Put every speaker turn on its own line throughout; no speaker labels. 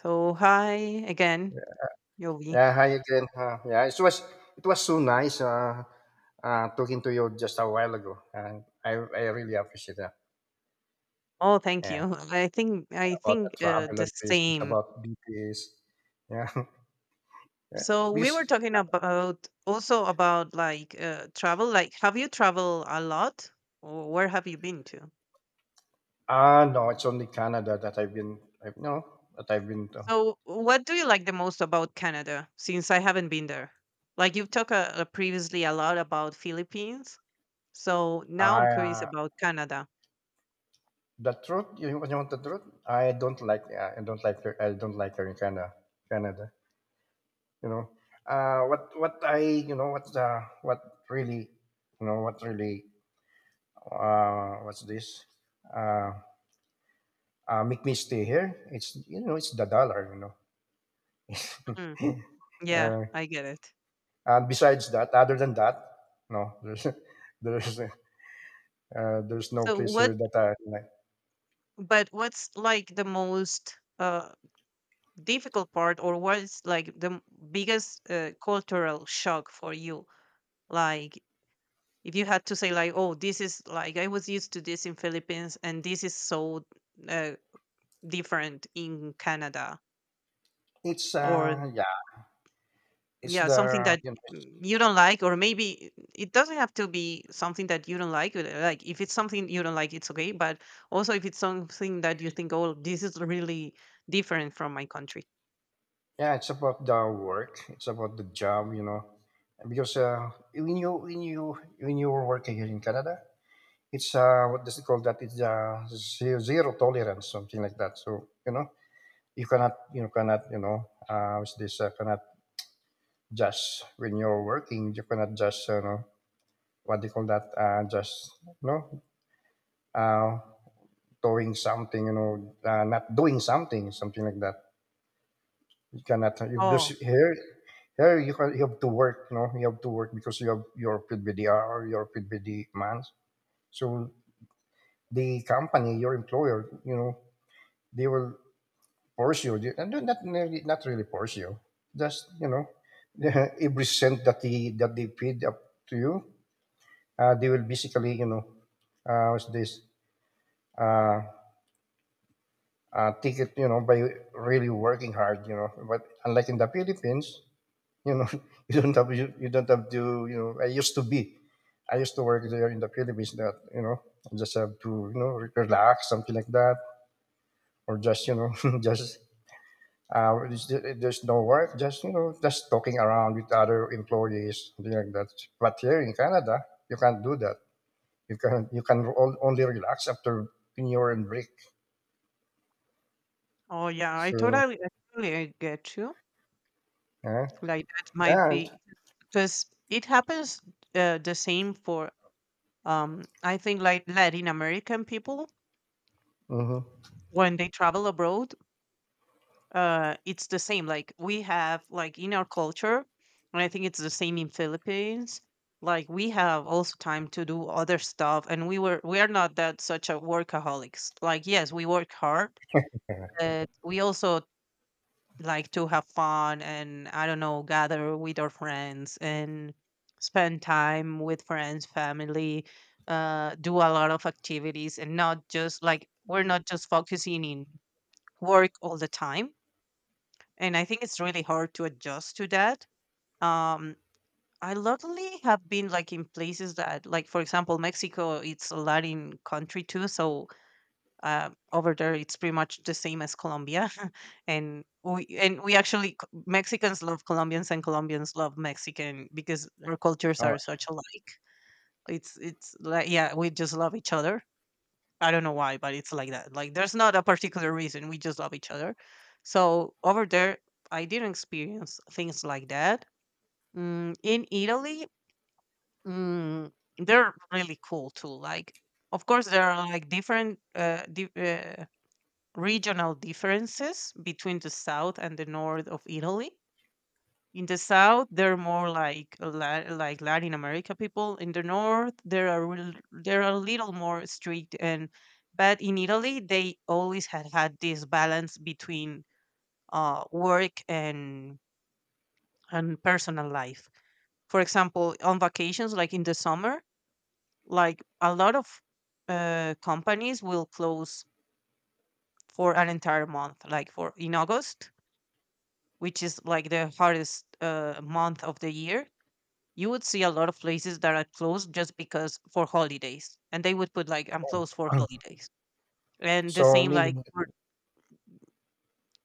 So hi again, Yovi.
Yeah, hi again. Yeah, it was so nice talking to you just a while ago, and I really appreciate that.
Oh, thank
Yeah,
you. I think I
about the
think
travel
the
and places,
same.
about BTS. Yeah,
So we were
because
talking about also about like travel. Like, have you traveled a lot, or where have you been to?
no, it's only Canada that I've been. I've no that I've been to.
So, what do you like the most about Canada? Since I haven't been there, like you've talked previously a lot about Philippines. So now I'm
I
curious about Canada.
The truth. You want the truth? I don't like. I don't like. I don't like her in Canada. Canada. You know. What I you know what really you know what really what's this? Uh, make me stay here. It's it's the dollar, you know.
Mm, yeah,
uh,
I get it.
and besides that, other than that, no, there's there's there's no
So
place
what
here that I like.
but what's like the most difficult part or what's like the biggest cultural shock for you? Like if you had to say like, oh, this is like I was used to this in Philippines, and this is so uh, different in Canada,
It's
or
uh yeah, it's
yeah,
the
something that, you don't like, or maybe it doesn't have to be something that you don't like, like if it's something you don't like it's okay, but also if it's something that you think, oh, this is really different from my country.
yeah, it's about the work, it's about the job, you know, because when you were working here in Canada, it's what does it call that? It's zero, zero tolerance, something like that. So you know, you cannot you know what's this cannot just when you're working you cannot just you know what do you call that just you know uh, doing something you know not doing something something like that you cannot you
Oh,
just here here you can, you have to work you know you have to work because you have your PBDR or your PBD months so the company your employer you know they will pursue, and not really, not really force you. Just you know, every cent that they feed up to you, they will basically you know, what's this? Uh, take it, you know, by really working hard, you know. But unlike in the Philippines, you know, you don't have you don't have to, you know. I used to work there in the Philippines. That you know, I just have to, you know, relax, something like that, or just you know, just there's no work, just you know, just talking around with other employees, something like that. But here in Canada, you can't do that. Only relax after when you're in break.
oh yeah, I
So
totally, I totally get you.
yeah,
Like that might
yeah.
be because it happens the same for I think like Latin American people
Mm-hmm.
when they travel abroad, it's the same. Like we have like in our culture, and I think it's the same in Philippines. Like we have also time to do other stuff, and we are not that such a workaholics. Like yes, we work hard, but we also like to have fun and, I don't know, gather with our friends and spend time with friends, family, do a lot of activities, and not just like we're not just focusing in work all the time. And I think it's really hard to adjust to that. Um, I luckily have been like in places that, like for example, Mexico. It's a Latin country too, so over there it's pretty much the same as Colombia, and we actually Mexicans love Colombians and Colombians love Mexican because our cultures are such alike. It's like, yeah, we just love each other. I don't know why, but it's like that. Like there's not a particular reason. We just love each other. So over there, I didn't experience things like that. In Italy, mm, they're really cool too. Like of course there are like different regional differences between the south and the north of Italy. In the south, they're more like like Latin America people. In the north, they are there are a little more strict, and but in Italy, they always had had this balance between work and personal life. For example, on vacations, like in the summer, like a lot of companies will close for an entire month, like for in August, which is like the hardest month of the year, you would see a lot of places that are closed just because for holidays. And they would put like, I'm closed for
Oh,
holidays. And the
so
same like,
meaning
for,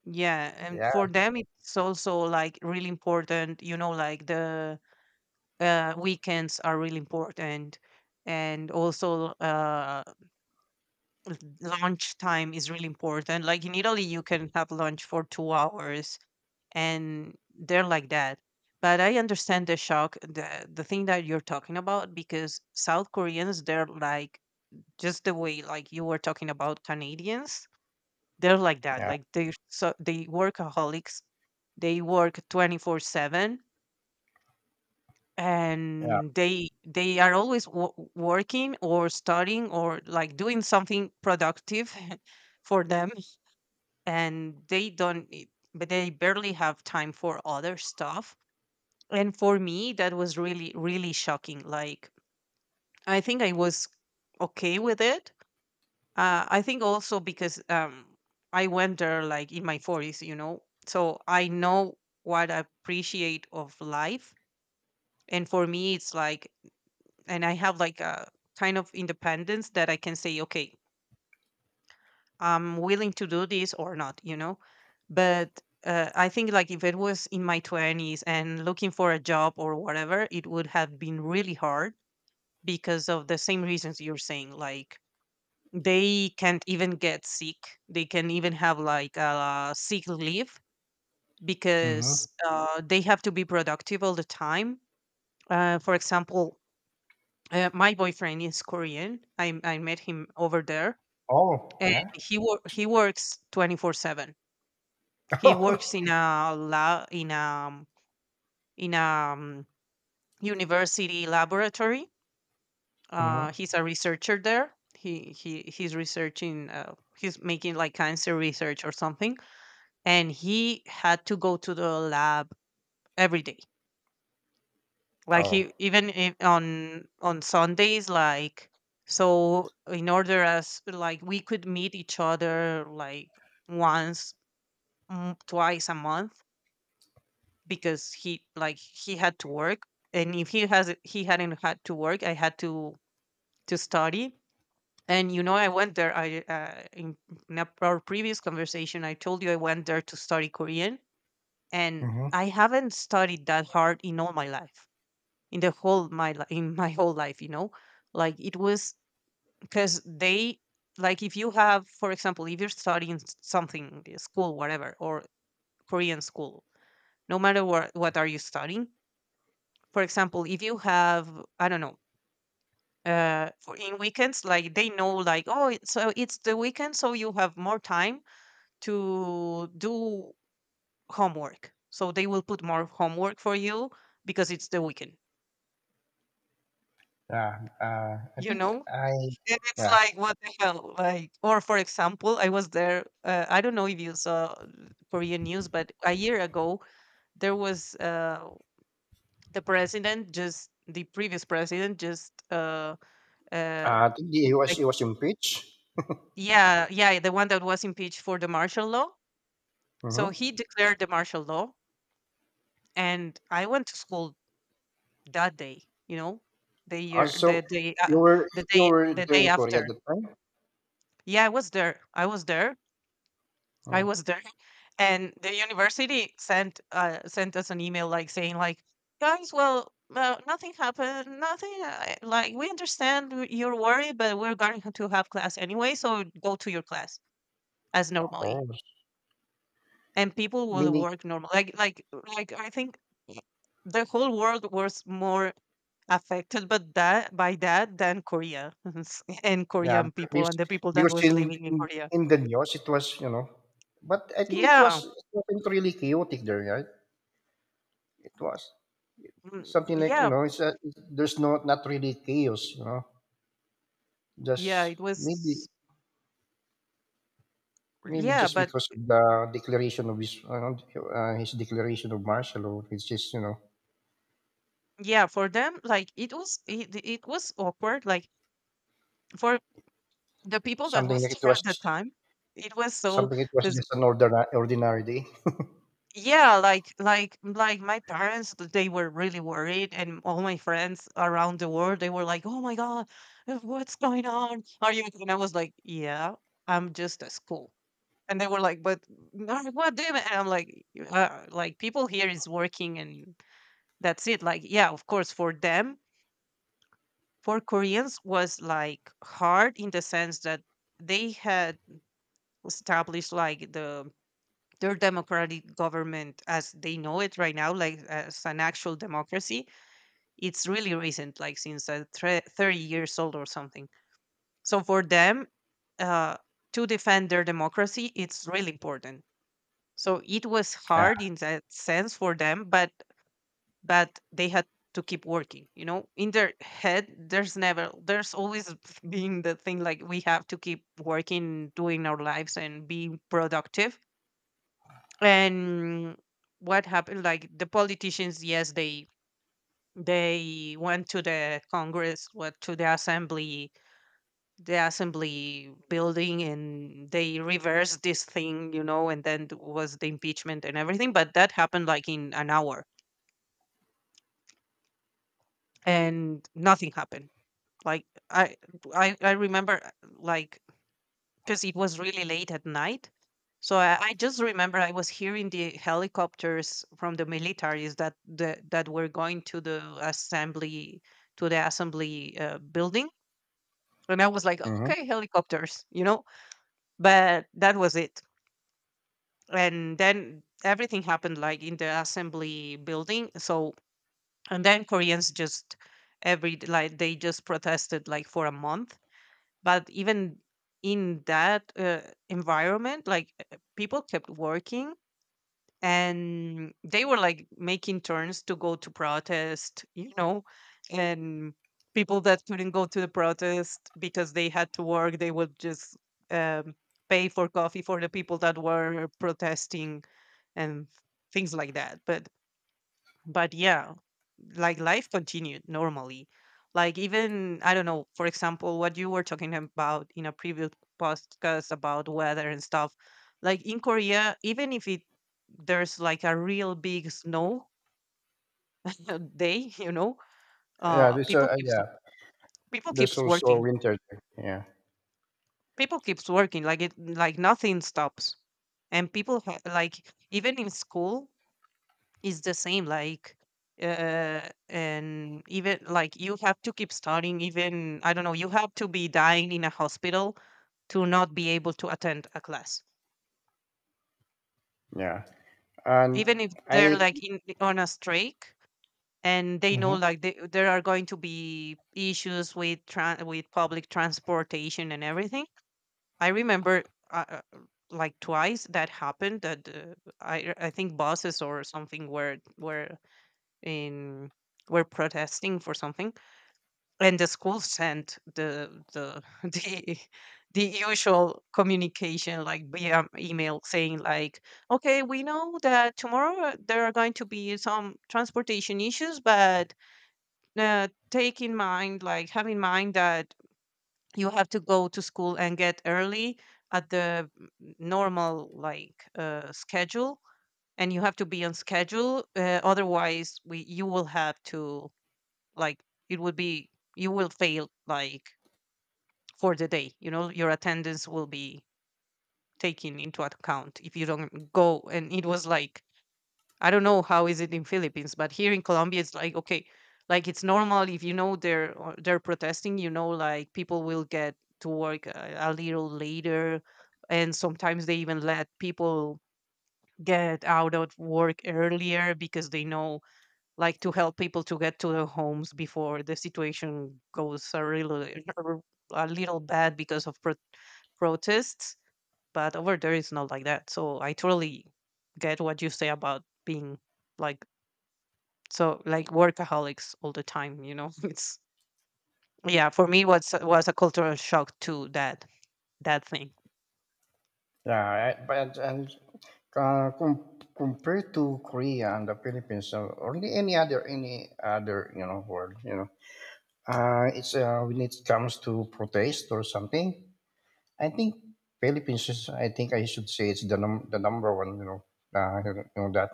yeah. And for
yeah,
them, it's also like really important, you know, like the weekends are really important. And also, lunch time is really important. Like in Italy, you can have lunch for 2 hours, and they're like that. But I understand the shock, the thing that you're talking about, because South Koreans, they're like just the way like you were talking about Canadians, they're like that.
yeah,
Like they're so they workaholics, they work 24/7,
yeah.
and they are always working or studying or like doing something productive for them, and they don't. But they barely have time for other stuff, and for me that was really really shocking. Like I think I was okay with it. I think also because, I went there like in my 40s, you know, so I know what I appreciate of life. And for me it's like, and I have like a kind of independence that I can say okay, I'm willing to do this or not, you know. But I think like if it was in my 20s and looking for a job or whatever, it would have been really hard because of the same reasons you're saying. Like they can't even get sick, they can even have like a sick leave,
Mm-hmm.
because they have to be productive all the time. For example, my boyfriend is Korean. I met him over there,
Oh,
and
yeah.
he works 24/7. He works in
mm-hmm.
a in a um, university laboratory. He's a researcher there. He's researching. He's making like cancer research or something, and he had to go to the lab every day. Like
Oh,
he even on Sundays, like so in order as like we could meet each other like once, twice a month, because he like he had to work. And if he hadn't had to work, I had to study. And you know, I went there. I in a- our previous conversation, I told you I went there to study Korean, and
mm-hmm.
I haven't studied that hard in all my life, in the whole my li- in my whole life. You know, like it was because they, like if you have, for example, if you're studying something, school, whatever, or Korean school, no matter what are you studying. For example, if you have, I don't know, for in weekends, like they know, like, oh, it's so it's the weekend, so you have more time to do homework. So they will put more homework for you because it's the weekend,
Yeah. I
you
think
know?
I
And it's
Yeah.
like, what the hell? Like, or for example, I was there, I don't know if you saw Korean news, but a year ago, there was the previous president just, uh,
I think
put,
he was
like,
he was impeached.
yeah, yeah, the one that was impeached for the martial law. So
Mm-hmm.
he declared the martial law. And I went to school that day, you know, the year
So
the day
you were
the
you
day
were
the
there
day
in Korea at
after.
the time?
Yeah, I
Oh,
was there, and the university sent us an email like saying like, guys, well, nothing happened, nothing like we understand your worry, but we're going to have class anyway, so go to your class as normally.
oh,
And people will
meaning
work normal like I think the whole world was more affected but that by that than Korea, and
yeah,
Korean people
because,
and the people that
because
was
in,
living in
in
Korea.
in the news it was you know, but I think it
Yeah.
was it wasn't really chaotic there, right? It was something like you
Yeah.
know, there's no not really chaos, you know,
Yeah,
just
it was.
maybe maybe
Yeah,
just
but
because of the declaration of his you know, his declaration of martial law, which is you know
yeah, for them like it was, it was awkward, like for the people that
something
was
like it
there at
was
the time. It was so,
something like it was
cuz
just an ordinary ordinary day.
yeah, like my parents, they were really worried, and all my friends around the world, they were like, "Oh my god, what's going on? Are you?" And I was like, "Yeah, I'm just at school." And they were like, "But no, what do you mean?" And I'm like, "Like people here is working, and that's it." Like, yeah, of course, for them, for Koreans was like hard in the sense that they had established like their democratic government as they know it right now, like as an actual democracy. It's really recent, like since 30 years old or something. So for them, uh, to defend their democracy, it's really important. So it was
Yeah.
hard in that sense for them, but they had to keep working. You know, in their head, there's never, there's always being the thing like we have to keep working, doing our lives, and being productive. And what happened? Like the politicians, yes, they went to the Congress, went to the assembly building, and they reversed this thing. And then was the impeachment and everything, but that happened like in an hour and nothing happened. Like i i, I remember uh, like because it was really late at night. So I just remember I was hearing the helicopters from the militaries that the, that were going to the assembly building, and I was like,
Mhm.
okay, helicopters. But that was it, and then everything happened like in the assembly building. So and then Koreans just like they just protested like for a month. But even in that environment, like people kept working, and they were like making turns to go to protest. And people that couldn't go to the protest because they had to work, they would just um, pay for coffee for the people that were protesting and things like that. But yeah, like life continued normally. Like even I don't know, for example, what you were talking about in a previous podcast about weather and stuff, like in Korea, even if it there's like a real big snow day.
Yeah,
uh
there's
people
a
keeps
yeah.
people
There's
keeps
also a
working
winter there. Yeah,
people keeps working, like it like nothing stops. And like even in school, it's the same, like, and even like you have to keep studying, even I don't know, you have to be dying in a hospital to not be able to attend a class,
yeah. And
even if they're
I
like in on a strike and they know
hmm
like there are going to be issues with tran with public transportation and everything. I remember uh, uh, like twice that happened that I think buses or something were in were protesting for something, and the school sent the the the usual communication like via email saying like, okay, we know that tomorrow there are going to be some transportation issues, but take in mind, like have in mind that you have to go to school and get early at the normal like schedule, and you have to be on schedule, otherwise we you will have to like it would be you will fail like for the day. Your attendance will be taken into account if you don't go. And it was like I don't know how is it in Philippines, but here in Colombia it's like, okay, like it's normal if you know they're or they're protesting, like people will get to work a little later, and sometimes they even let people get out of work earlier because they know like to help people to get to their homes before the situation goes a little a little bad because of protests. But over there it's not like that. So I totally get what you say about being like so like workaholics all the time, It's yeah, for me was a cultural shock to that that thing.
yeah, I, but and compared to Korea and the Philippines or only any other you know world, you know, it's when it comes to protest or something. I think Philippines is. I think I should say it's the number one. You know that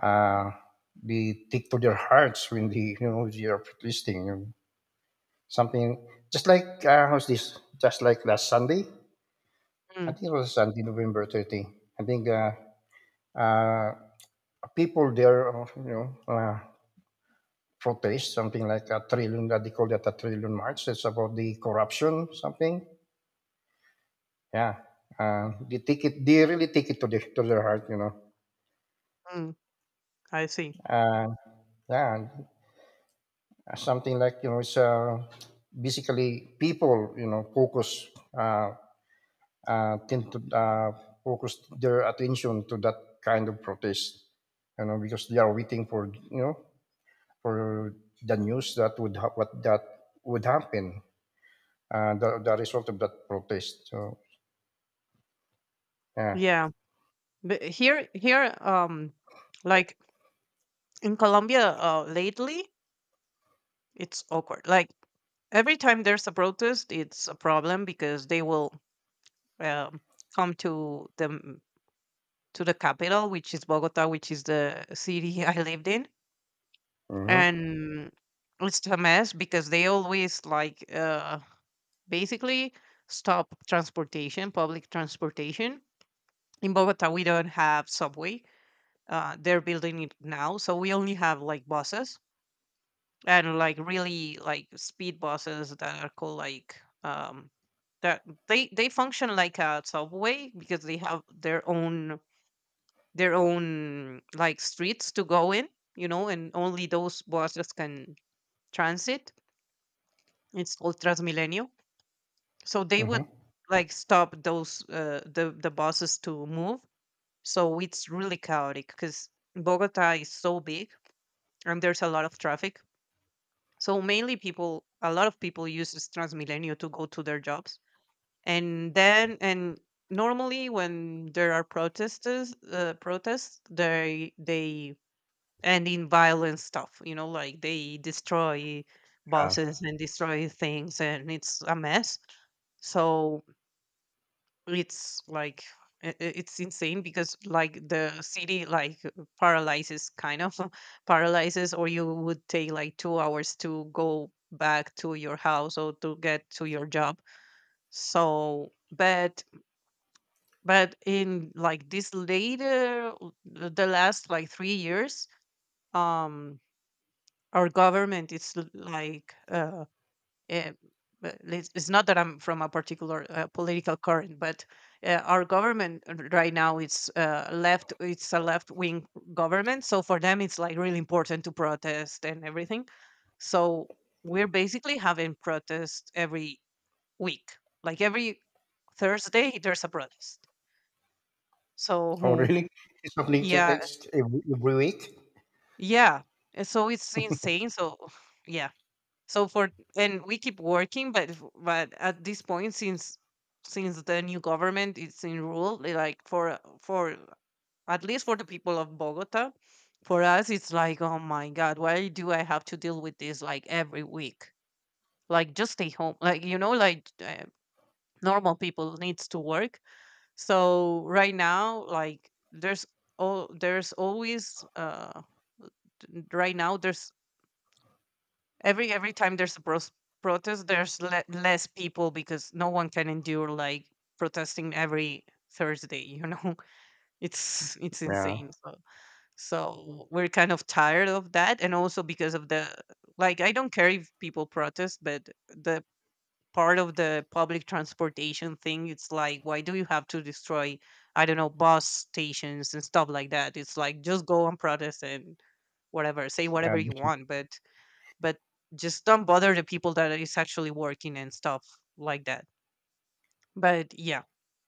uh, they take to their hearts when they you know they are protesting, you know. Something just like how's this? Just like last Sunday, I
Mm,
think it was Sunday, November 30. I think uh, people there, you know, protest something like a trillion. That they call that a trillion march. It's about the corruption, something. Yeah, they take it. They really take it to the to their heart, you know.
mm, I see.
Uh, yeah, and, something like you know, it's basically people, you know, focus. Tend to focus their attention to that kind of protest, you know, because they are waiting for you know for the news that would what that would happen, the result of that protest. So yeah.
Yeah. But here here like in Colombia lately it's awkward. Like every time there's a protest, it's a problem because they will um come to the capital, which is Bogota, which is the city I lived in,
Hmm.
and it's a mess because they always like basically stop transportation, public transportation. In Bogota, we don't have subway. They're building it now, so we only have like buses and like really like speed buses that are called like um that they function like a subway because they have their own like streets to go in, you know, and only those buses can transit. It's called Transmilenio. So they would
Hmm.
like stop those the buses to move. So it's really chaotic because Bogota is so big and there's a lot of traffic. So mainly people, a lot of people uses Transmilenio to go to their jobs, and then and normally when there are protesters, protests, they and in violent stuff, you know, like they destroy
Uh,
buses and destroy things, and it's a mess. So it's like it's insane because like the city like paralyzes kind of paralyzes, or you would take like 2 hours to go back to your house or to get to your job. So but in like this later the last like 3 years, um our government is like eh, it's not that I'm from a particular political current, but our government right now it's left. It's a left wing government, so for them it's like really important to protest and everything. So we're basically having protests every week, like every Thursday there's a protest.
oh
So
really? It's something that-
yeah,
it's every week.
yeah. And so it's insane. So yeah, so for and we keep working, but but at this point, since the new government is in rule, they like for at least for the people of Bogota, for us it's like, oh my god, why do I have to deal with this like every week? Like just stay home, like you know, like normal people needs to work. So right now, like there's all there's always right now there's every time there's a protest there's less people because no one can endure like protesting every Thursday, you know. It's
Yeah,
insane. So so we're kind of tired of that, and also because of the like I don't care if people protest, but the part of the public transportation thing, it's like why do you have to destroy I don't know bus stations and stuff like that. It's like just go and protest and whatever, say whatever
and
you want, but just don't bother the people that is actually working and stuff like that. But yeah,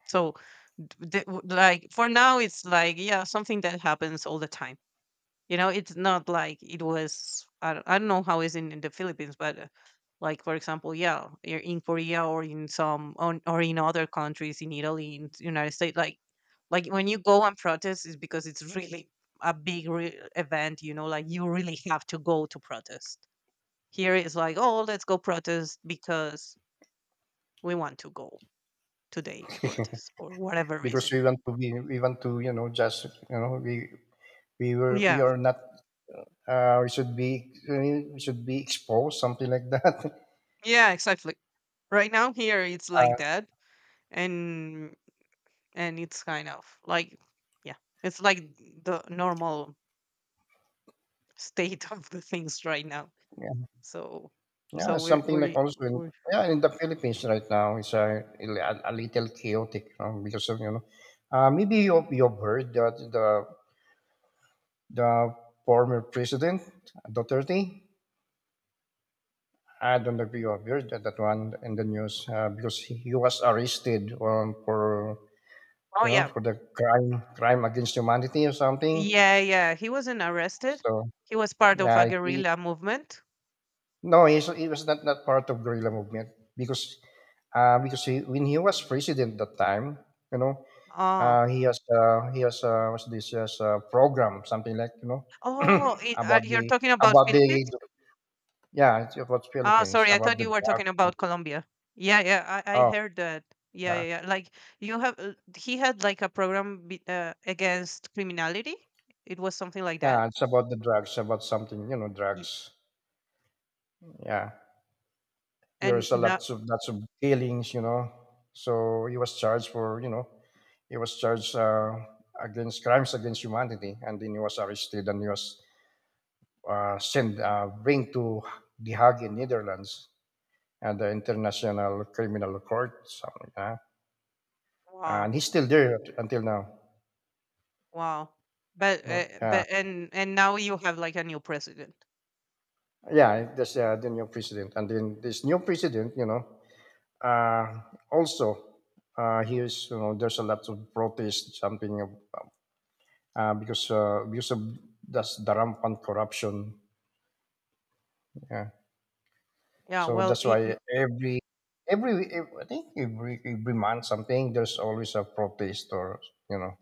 so the, like for now it's like yeah something that happens all the time, you know. It's not like it was I don't know how it's in the Philippines, but like for example yeah in Korea or in some on, or in other countries, in Italy, in the United States, like when you go and protest is because it's really a big event, you know, like you really have to go to protest. Here it's like, oh, let's go protest because we want to go today to protest for whatever
because
reason.
we want to be, we want to, you know, just, you know, we were, we
Yeah,
are not, we should be exposed, something like that.
yeah, exactly. Right now here it's like that, and and it's kind of like, yeah, it's like the normal state of the things right now. So so
Yeah, something like also in
we're
yeah in the Philippines right now it's a little chaotic because of you know maybe you've heard that the former president Duterte. I don't know if you have heard that, that one in the news because he was arrested for
oh
you know
yeah
for the crime crime against humanity or something
yeah yeah he wasn't arrested.
so
He was part of a
yeah he
guerrilla movement.
No, he's, he was not, not part of guerrilla movement because because when he was president that time, you know,
Ah,
he has what's this has a program something like you know
oh,
about
you're
the
talking about
about the
Philippines?
yeah it's about
Ah,
Philippines
sorry, I
about
thought
the
you were
drugs.
talking about Colombia. Yeah, yeah, I
Oh
heard that. Yeah,
yeah,
yeah, yeah. Like you have, he had like a program against criminality. It was something like that.
yeah, it's about the drugs about something you know
Y-
drugs. Yeah.
And
There's a
now,
lots of dealings, you know. So he was charged for, you know, he was charged against crimes against humanity, and then he was arrested and he was sent bring to The Hague in Netherlands and the International Criminal Court, something like that.
wow,
And he's still there until now.
wow.
Uh,
But and now you have like a new president.
yeah, that's the new president, and then this new president, you know, uh, also he is, you know, there's a lot of protest, something because of that's the rampant corruption. Yeah.
Yeah,
So
well,
that's
I-
why every I think every month something there's always a protest or you know.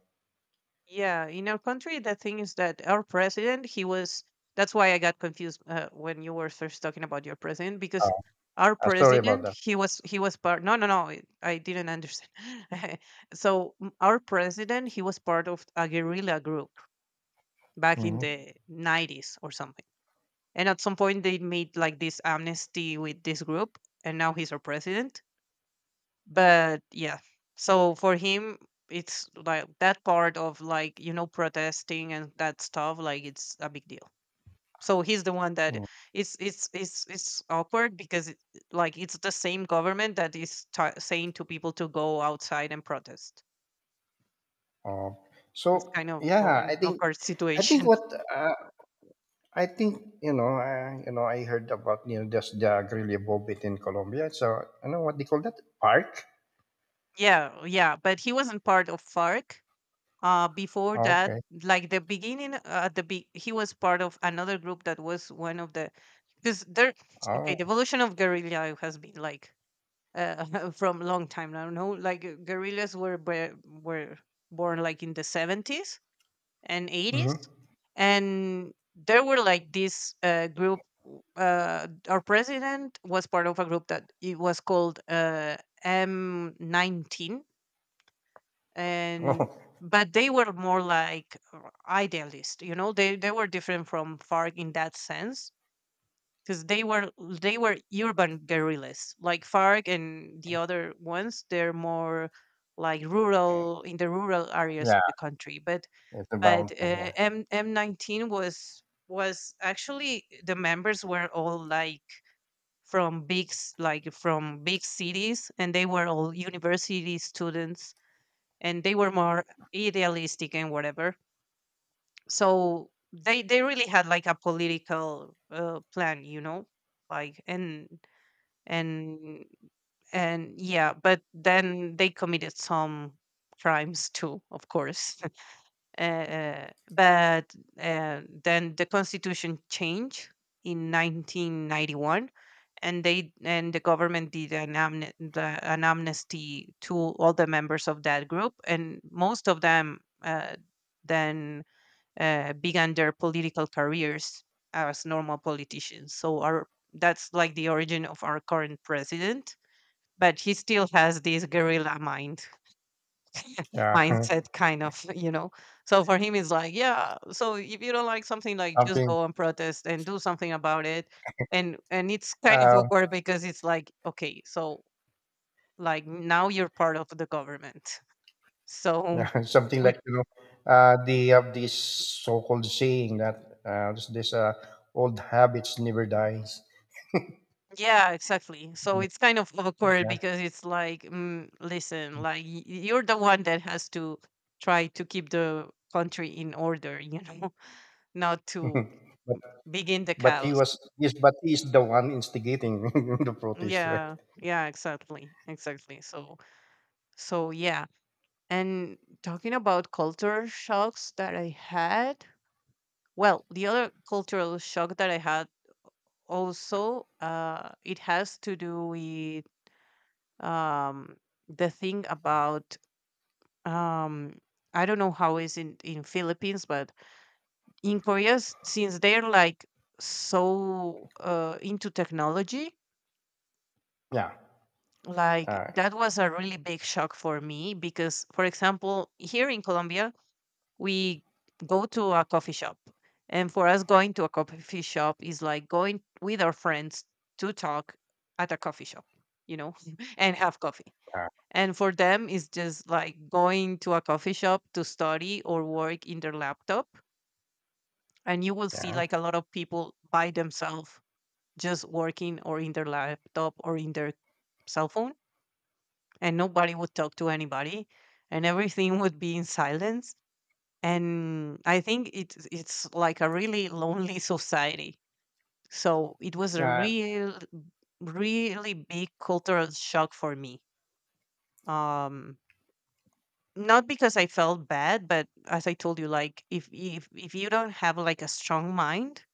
Yeah, in our country, the thing is that our president, he was. That's why I got confused when you were first talking about your president, because
Uh,
our
Sorry about
president,
that.
he was part. No, no, no, I didn't understand. So our president, he was part of a guerrilla group back in
Hmm.
the nineties or something, and at some point they made like this amnesty with this group, and now he's our president. But yeah, so for him it's like that part of like you know protesting and that stuff like it's a big deal. So he's the one that it's awkward because it, like it's the same government that is ta saying to people to go outside and protest.
Uh, so
It's kind of
yeah,
an awkward
I think
situation.
what uh, I think you know I heard about you know just the Grilla Bobit in Colombia. So you know what they call that park.
Yeah, yeah, but he wasn't part of FARC before that.
Okay.
Like the beginning at the he was part of another group that was one of the because there okay the
Oh.
evolution of guerrilla has been like from long time now no like guerrillas were born like in the 70s and 80s,
Hmm.
and there were like this group. Our president was part of a group that it was called M19. And
Oh.
but they were more like idealist, you know, they were different from FARC in that sense, because they were urban guerrillas like FARC. And the other ones they're more like rural in the rural areas of
Yeah.
the country,
It's a
but
mountain. Yeah.
m M19 was actually the members were all like like from big cities, and they were all university students, and they were more idealistic and whatever. So they really had like a political plan, you know, like and and yeah. But then they committed some crimes too, of course. But then the constitution changed in 1991, and they and the government did an, amne- the, an amnesty to all the members of that group, and most of them then began their political careers as normal politicians. So our that's like the origin of our current president, but he still has this guerrilla mind
Yeah.
mindset kind of you know. So for him it's like yeah so if you don't like something, like just
something
go and protest and do something about it. And it's kind of
uh,
awkward because it's like, okay, so like now you're part of the government. So
yeah, something
we
like you know the of this so-called saying that this old habits never dies.
yeah exactly so it's kind of awkward
Yeah.
because it's like, mm, listen, like you're the one that has to try to keep the country in order, you know. Not to
but
begin the
but he
chaos.
was yes but he's the one instigating the protest right
Yeah, yeah, exactly, exactly. So, so yeah. And talking about culture shocks that I had, well, the other cultural shock that I had also, it has to do with um the thing about um I don't know how is in Philippines, but in Korea, since they're like so into technology,
yeah
like
uh,
that was a really big shock for me because, for example, here in Colombia we go to a coffee shop, and for us going to a coffee shop is like going with our friends to talk at a coffee shop, you know, and have coffee.
uh,
And for them it's just like going to a coffee shop to study or work in their laptop, and you will see
yeah
like a lot of people by themselves just working or in their laptop or in their cell phone, and nobody would talk to anybody, and everything would be in silence. And I think it's like a really lonely society. So it was a
yeah
real, really big cultural shock for me. um Not because I felt bad, but as I told you, like if you don't have like a strong mind,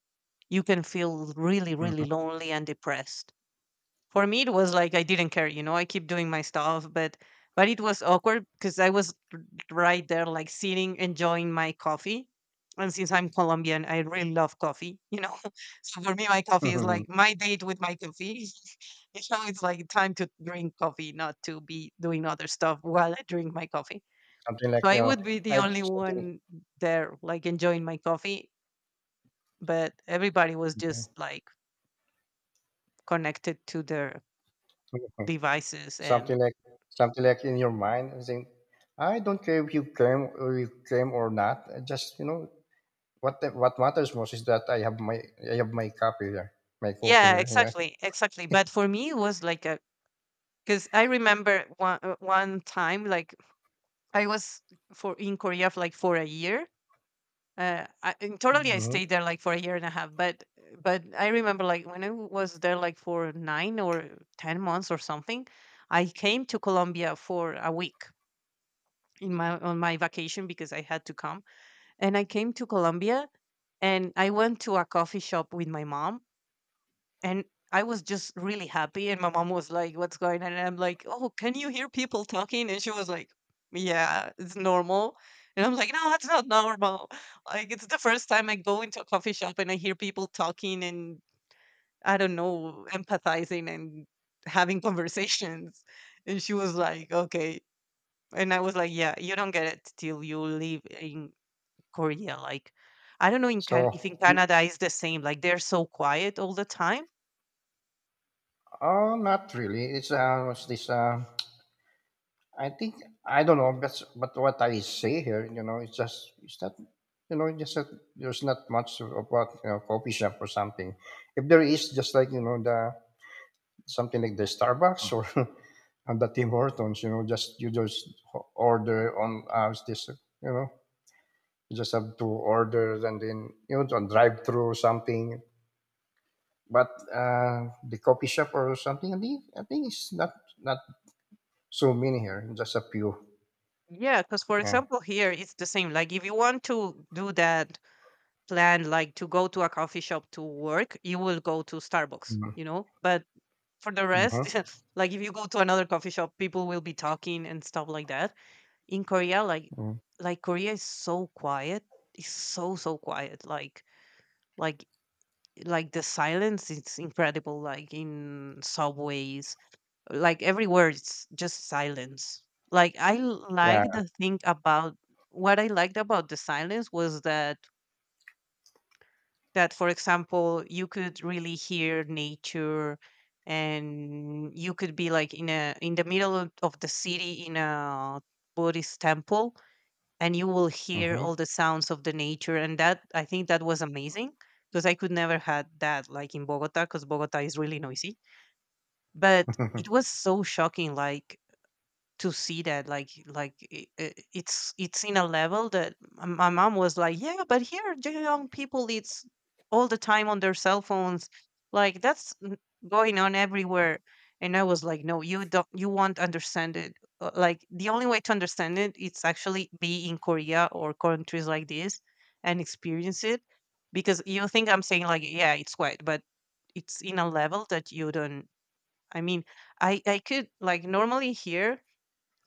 you can feel really, really
mhm.
lonely and depressed. For me it was like I didn't care, you know, I keep doing my stuff, but it was awkward because I was right there, like sitting, enjoying my coffee. And since I'm Colombian, I really love coffee, you know. So for me, my coffee is like my date with my coffee. You know, it's like time to drink coffee, not to be doing other stuff while I drink my coffee.
something like
So
you
I
know
would be the
I,
only
something
one there, like enjoying my coffee. But everybody was just like connected to their devices. And
something like something like in your mind I think I don't care if you came or you came or not I just you know what the, what matters most is that I have my copy here, my copy
yeah,
here. Yeah.
exactly, exactly. But for me, it was like a, because I remember one one time, like I was for in Korea for like for a year. And totally, I
Mhm.
stayed there like for a year and a half. But I remember like when I was there like for 9 or 10 months or something, I came to Colombia for a week in my on my vacation because I had to come, and I came to Colombia and I went to a coffee shop with my mom, and I was just really happy, and my mom was like, "What's going on?" And I'm like, "Oh, can you hear people talking?" And she was like, "Yeah, it's normal." And I'm like, "No, it's not normal. Like, it's the first time I go into a coffee shop and I hear people talking and I don't know, empathizing and having conversations." And she was like, "Okay." And I was like, "Yeah, you don't get it till you live in Korea. Like, I don't know in can
So,
if in Canada it's the same. Like, they're so quiet all the time."
oh, not really. It's What's this? I think I don't know, but what I say here, you know, it's just it's not, you know, just that there's not much about you know coffee shop or something. If there is, just like you know the something like the Starbucks or and the Tim Hortons, you know, just you just order on what's this, you know, you just have to order and then you know to drive through something. But the coffee shop or something, I think it's not not so many here. Just a few.
Yeah, because, for
Yeah.
example, here it's the same. Like if you want to do that plan, like to go to a coffee shop to work, you will go to Starbucks,
Hmm.
you know? But for the rest, like if you go to another coffee shop, people will be talking and stuff like that. In Korea, like
Hmm.
Korea is so quiet. It's so, so quiet. Like like the silence is incredible, like in subways, like everywhere it's just silence. like I
Yeah.
like the thing about, what I liked about the silence was that, that, for example, you could really hear nature, and you could be like in a, in the middle of the city in a Buddhist temple, and you will hear
Hmm.
all the sounds of the nature, and that, I think that was amazing, because I could never had that like in Bogota, because Bogota is really noisy. But it was so shocking, like to see that, like, it's in a level that my mom was like, yeah, but here the young people it's all the time on their cell phones, like that's going on everywhere. And I was like, no, you don't, you won't understand it. Like the only way to understand it, it's actually be in Korea or countries like this and experience it, because you think I'm saying like, yeah, it's white, but it's in a level that you don't, I mean, I could, like normally here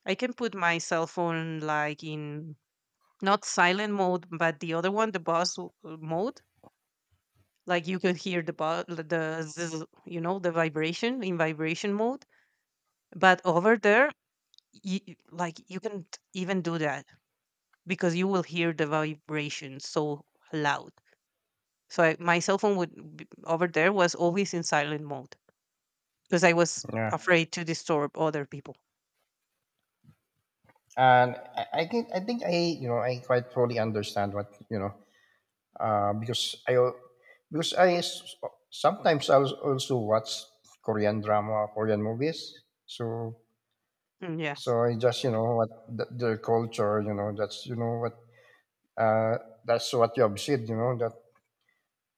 I can put my cell phone like in not silent mode, but the other one, the mode. Like you could hear the buzz, the zzz, you know, the vibration in vibration mode. But over there, you, like you can't even do that, because you will hear the vibration so loud. So I, my cell phone would over there was always in silent mode, because I was
yeah.
afraid to disturb other people.
And I think I think I you know I quite fully understand what you know because I al- because I s- sometimes I also watch Korean drama, Korean movies. So
Mm, yes.
so it's just you know what the, their culture, you know that's you know what uh, that's what you have said, you know that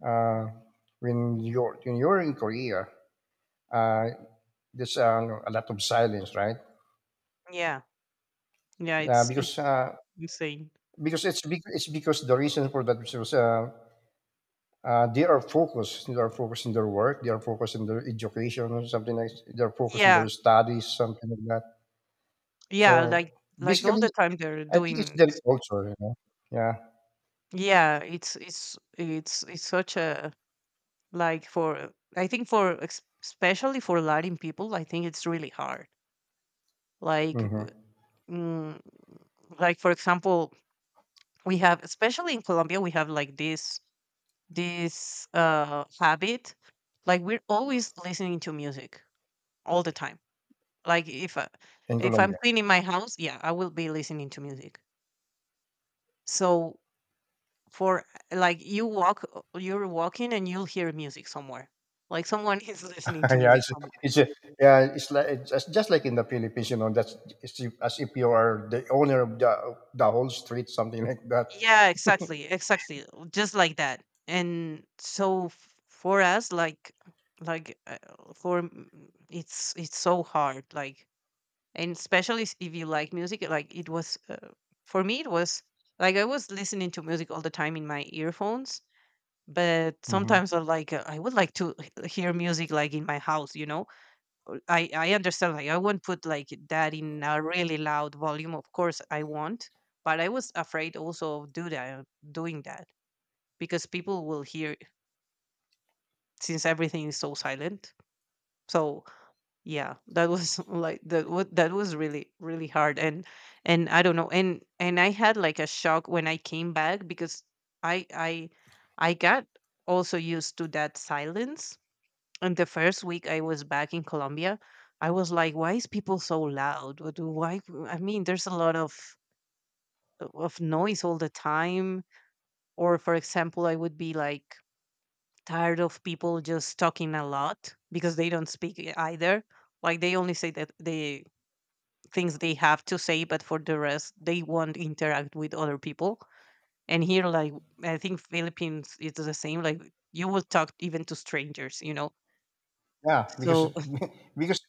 uh, when you're in Korea, uh, there's no, a lot of silence, right?
Yeah. Yeah.
Yeah,
It's
because
it's insane.
it's because the reason for that was they are focused in their work, they are focused in their education, or something like they are focused in
Yeah.
their studies, something like that.
Yeah,
So
like all
basically,
the time they're
I think it's
doing
their culture, you know. Yeah,
yeah, it's such a, like for, I think for especially for Latin people, I think it's really hard. Like
hmm
mm, like, for example, we have, especially in Colombia, we have like this habit, like we're always listening to music all the time. Like if I,
in
if I'm
Colombia.
cleaning my house, yeah, I will be listening to music. So for, like you walk, you're walking and you'll hear music somewhere, like someone is listening to
yeah,
music somewhere.
it's a- yeah, it's like it's just like in the Philippines, you know. That's it's if- as if you are the owner of the whole street, something like that.
Yeah, exactly, exactly, just like that. And so for us, like like uh, for it's so hard, like, and especially if you like music, like it was for me it was like I was listening to music all the time in my earphones, but
Hmm.
sometimes I like, I would like to hear music like in my house, you know. I understand. Like I won't put like that in a really loud volume. Of course, I won't. But I was afraid also of do that doing that because people will hear it, since everything is so silent. So yeah, that was like that. What, that was really, really hard. And I don't know. And I had like a shock when I came back because I I I got also used to that silence. And the first week I was back in Colombia, I was like, why is people so loud? What why? I mean, there's a lot of noise all the time. Or, for example, I would be like tired of people just talking a lot because they don't speak either. Like they only say that the things they have to say, but for the rest, they won't interact with other people. And here, like, I think Philippines is the same. Like you will talk even to strangers, you know.
Yeah, because
So
because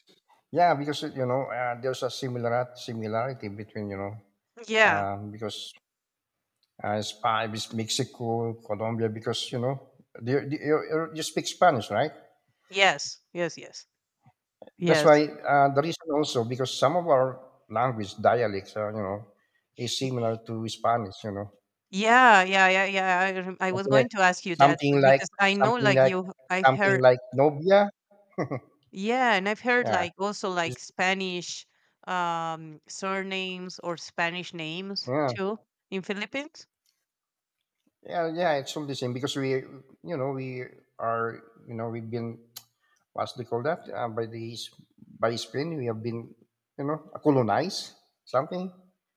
yeah, because you know there's a similar similarity between you know
yeah,
because it's five is Mexico, Colombia, because you know you you you speak Spanish, right?
yes, yes, yes.
That's
Yes.
why the reason also because some of our language dialects, you know, is similar
Y-
to Spanish, you know.
Yeah, yeah, yeah, yeah. I, I was
Okay.
going to ask you that
Something like
because I know,
something
like
like
you, I've
something
heard,
like Nobia.
yeah, and I've heard
Yeah.
like also like
It's,
Spanish surnames or Spanish names
yeah.
too in Philippines.
Yeah, yeah, it's all the same because we you know, we are you know, we've been what's they call that? By Spain we have been, you know, colonized something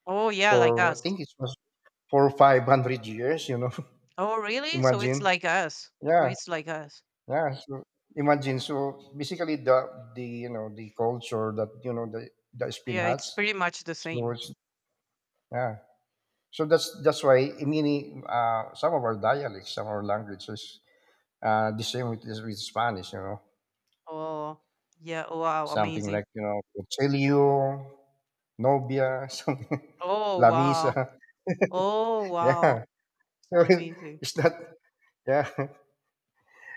Oh yeah, like
for I
us.
think it was for 500 years, you know.
Oh really? So it's
Imagine.
like us. So
Yeah,
it's like us.
yeah. So imagine. So basically the you know the culture that you know the Spain
Yeah, it's
has.
pretty much the
So
same.
it's yeah, so that's why many some of our dialects, some of our languages, the same with Spanish. You know,
Oh yeah. Oh, wow,
something
amazing.
like you know, Celio, novia, something,
Oh
la
wow.
misa.
Oh wow,
Yeah, so
amazing.
it's not. Yeah,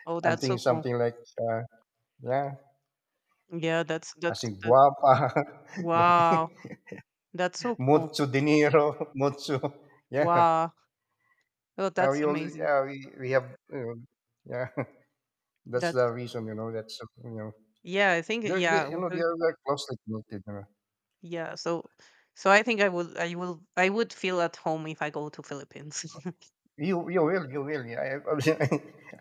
Oh,
I'm
that's so
thinking
cool.
something like uh, yeah,
Yeah, that's
as
that's
in guapa,
wow,
guapi-
that's so cool.
mucho dinero, mucho. Yeah,
Wow. Oh, that's
we all
amazing.
yeah we have you know, yeah. That's
That's,
the reason you know. That's you know
yeah, I think,
they're,
yeah,
they, you know, they
okay.
are very closely connected. You know.
Yeah. So, so I think I would, I will, I would feel at home if I go to Philippines.
You will. Yeah,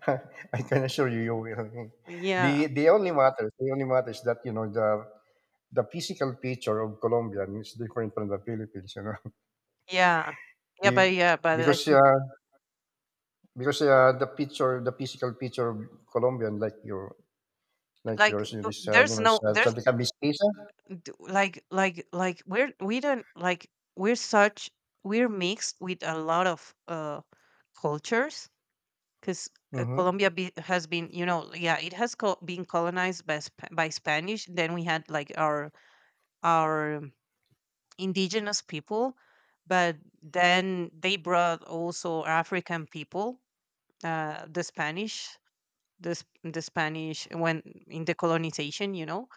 I I can assure you, you will.
Yeah,
The only matter is that you know the physical picture of Colombia is different from the Philippines. You know,
yeah. Yeah,
Be,
but, yeah, but I
because uh,
think
because the picture, the physical picture of Colombian like your like
like,
yours is you
there's
know
no, there's
something like Miss.
like we're, we don't like, we're such, we're mixed with a lot of cultures, because
Mm-hmm.
Colombia has been, you know, yeah, it has been colonized by by Spanish. Then we had like our our um, indigenous people, but then they brought also African people, the Spanish, the the Spanish when in the colonization, you know,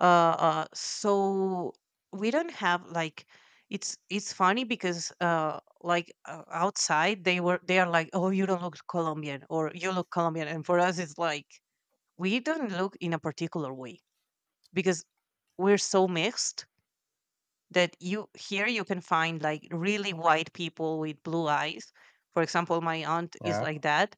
so we don't have like, it's funny because like outside they were, they are like, oh, you don't look Colombian or you look Colombian, and for us it's like we don't look in a particular way, because we're so mixed, that you, here you can find like really white people with blue eyes, for example my aunt is
Yeah,
like that,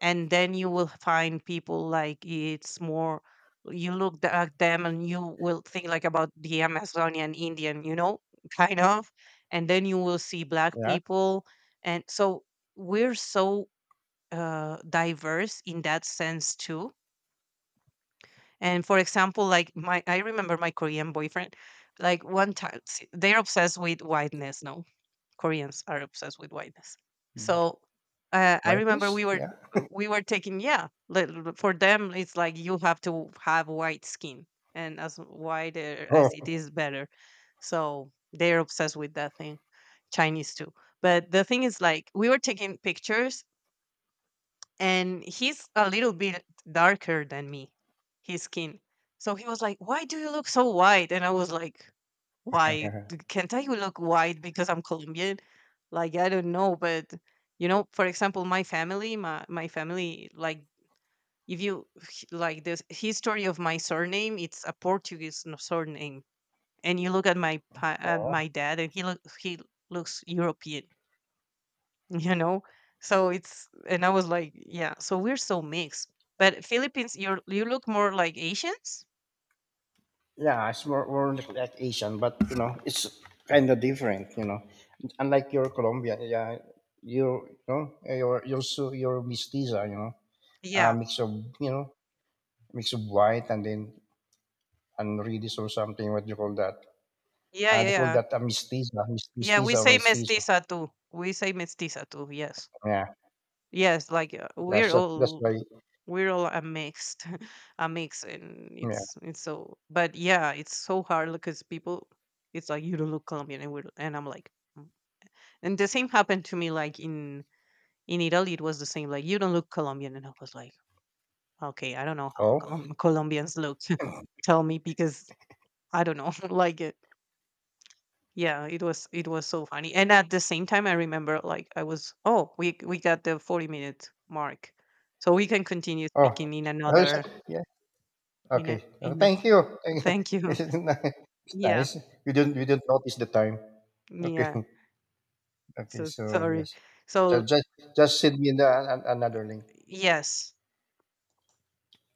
and then you will find people like it's more, you look at them and you will think like about the Amazonian Indian, you know, kind of, and then you will see black
yeah.
people. And so we're so diverse in that sense too. And, for example, like my, I remember my Korean boyfriend, like one time, they're obsessed with whiteness, no, Koreans are obsessed with whiteness. So I remember
Whitish. Yeah.
we were taking, yeah, for them it's like you have to have white skin, and as whiter as it
Oh.
is, better. So they're obsessed with that thing. Chinese too. But the thing is like we were taking pictures, and he's a little bit darker than me, his skin. So he was like, "Why do you look so white?" And I was like, wide. Can't I look white because I'm Colombian? Like I don't know, but, you know, for example, my family, my family, like if you like the history of my surname, it's a Portuguese surname, and you look at my at
oh.
my dad, and he look he looks European, you know. So it's, and I was like, yeah. So we're so mixed, but Philippines, you are, you look more like Asians.
Yeah, it's more, more like Asian, but you know, it's kind of different. You know, unlike your Colombian, yeah, you know, your so your mestiza, you know, a
Yeah,
mix of you know, mix of white and then and reddish or something. What do you call that?
yeah, yeah,
They call
yeah.
that a mestiza,
Yeah, we
mestiza or
say
mestizo.
mestiza too. We say mestiza too. Yes.
Yeah,
Yes, like we're
that's
all,
why.
we're all a mixed a mix, and
Yeah.
it's so, but yeah, it's so hard because people, it's like you don't look Colombian, and we're, and I'm like, "Mm." And the same happened to me like in Italy it was the same, like you don't look Colombian, and I was like, okay, I don't know how
Oh,
Colombians look. Tell me, because I don't know, like yeah, it was, it was so funny. And at the same time I remember, like I was, oh, we got the 40-minute mark. So we can continue
oh,
speaking in
oh, is it?
another,
Yeah. Okay.
in a,
Thank you. Thank you.
thank you.
It's
Yeah.
nice. We didn't notice the time. Okay.
Yeah.
Okay,
So
so
sorry.
yes. So
So
just send me the an another link.
yes,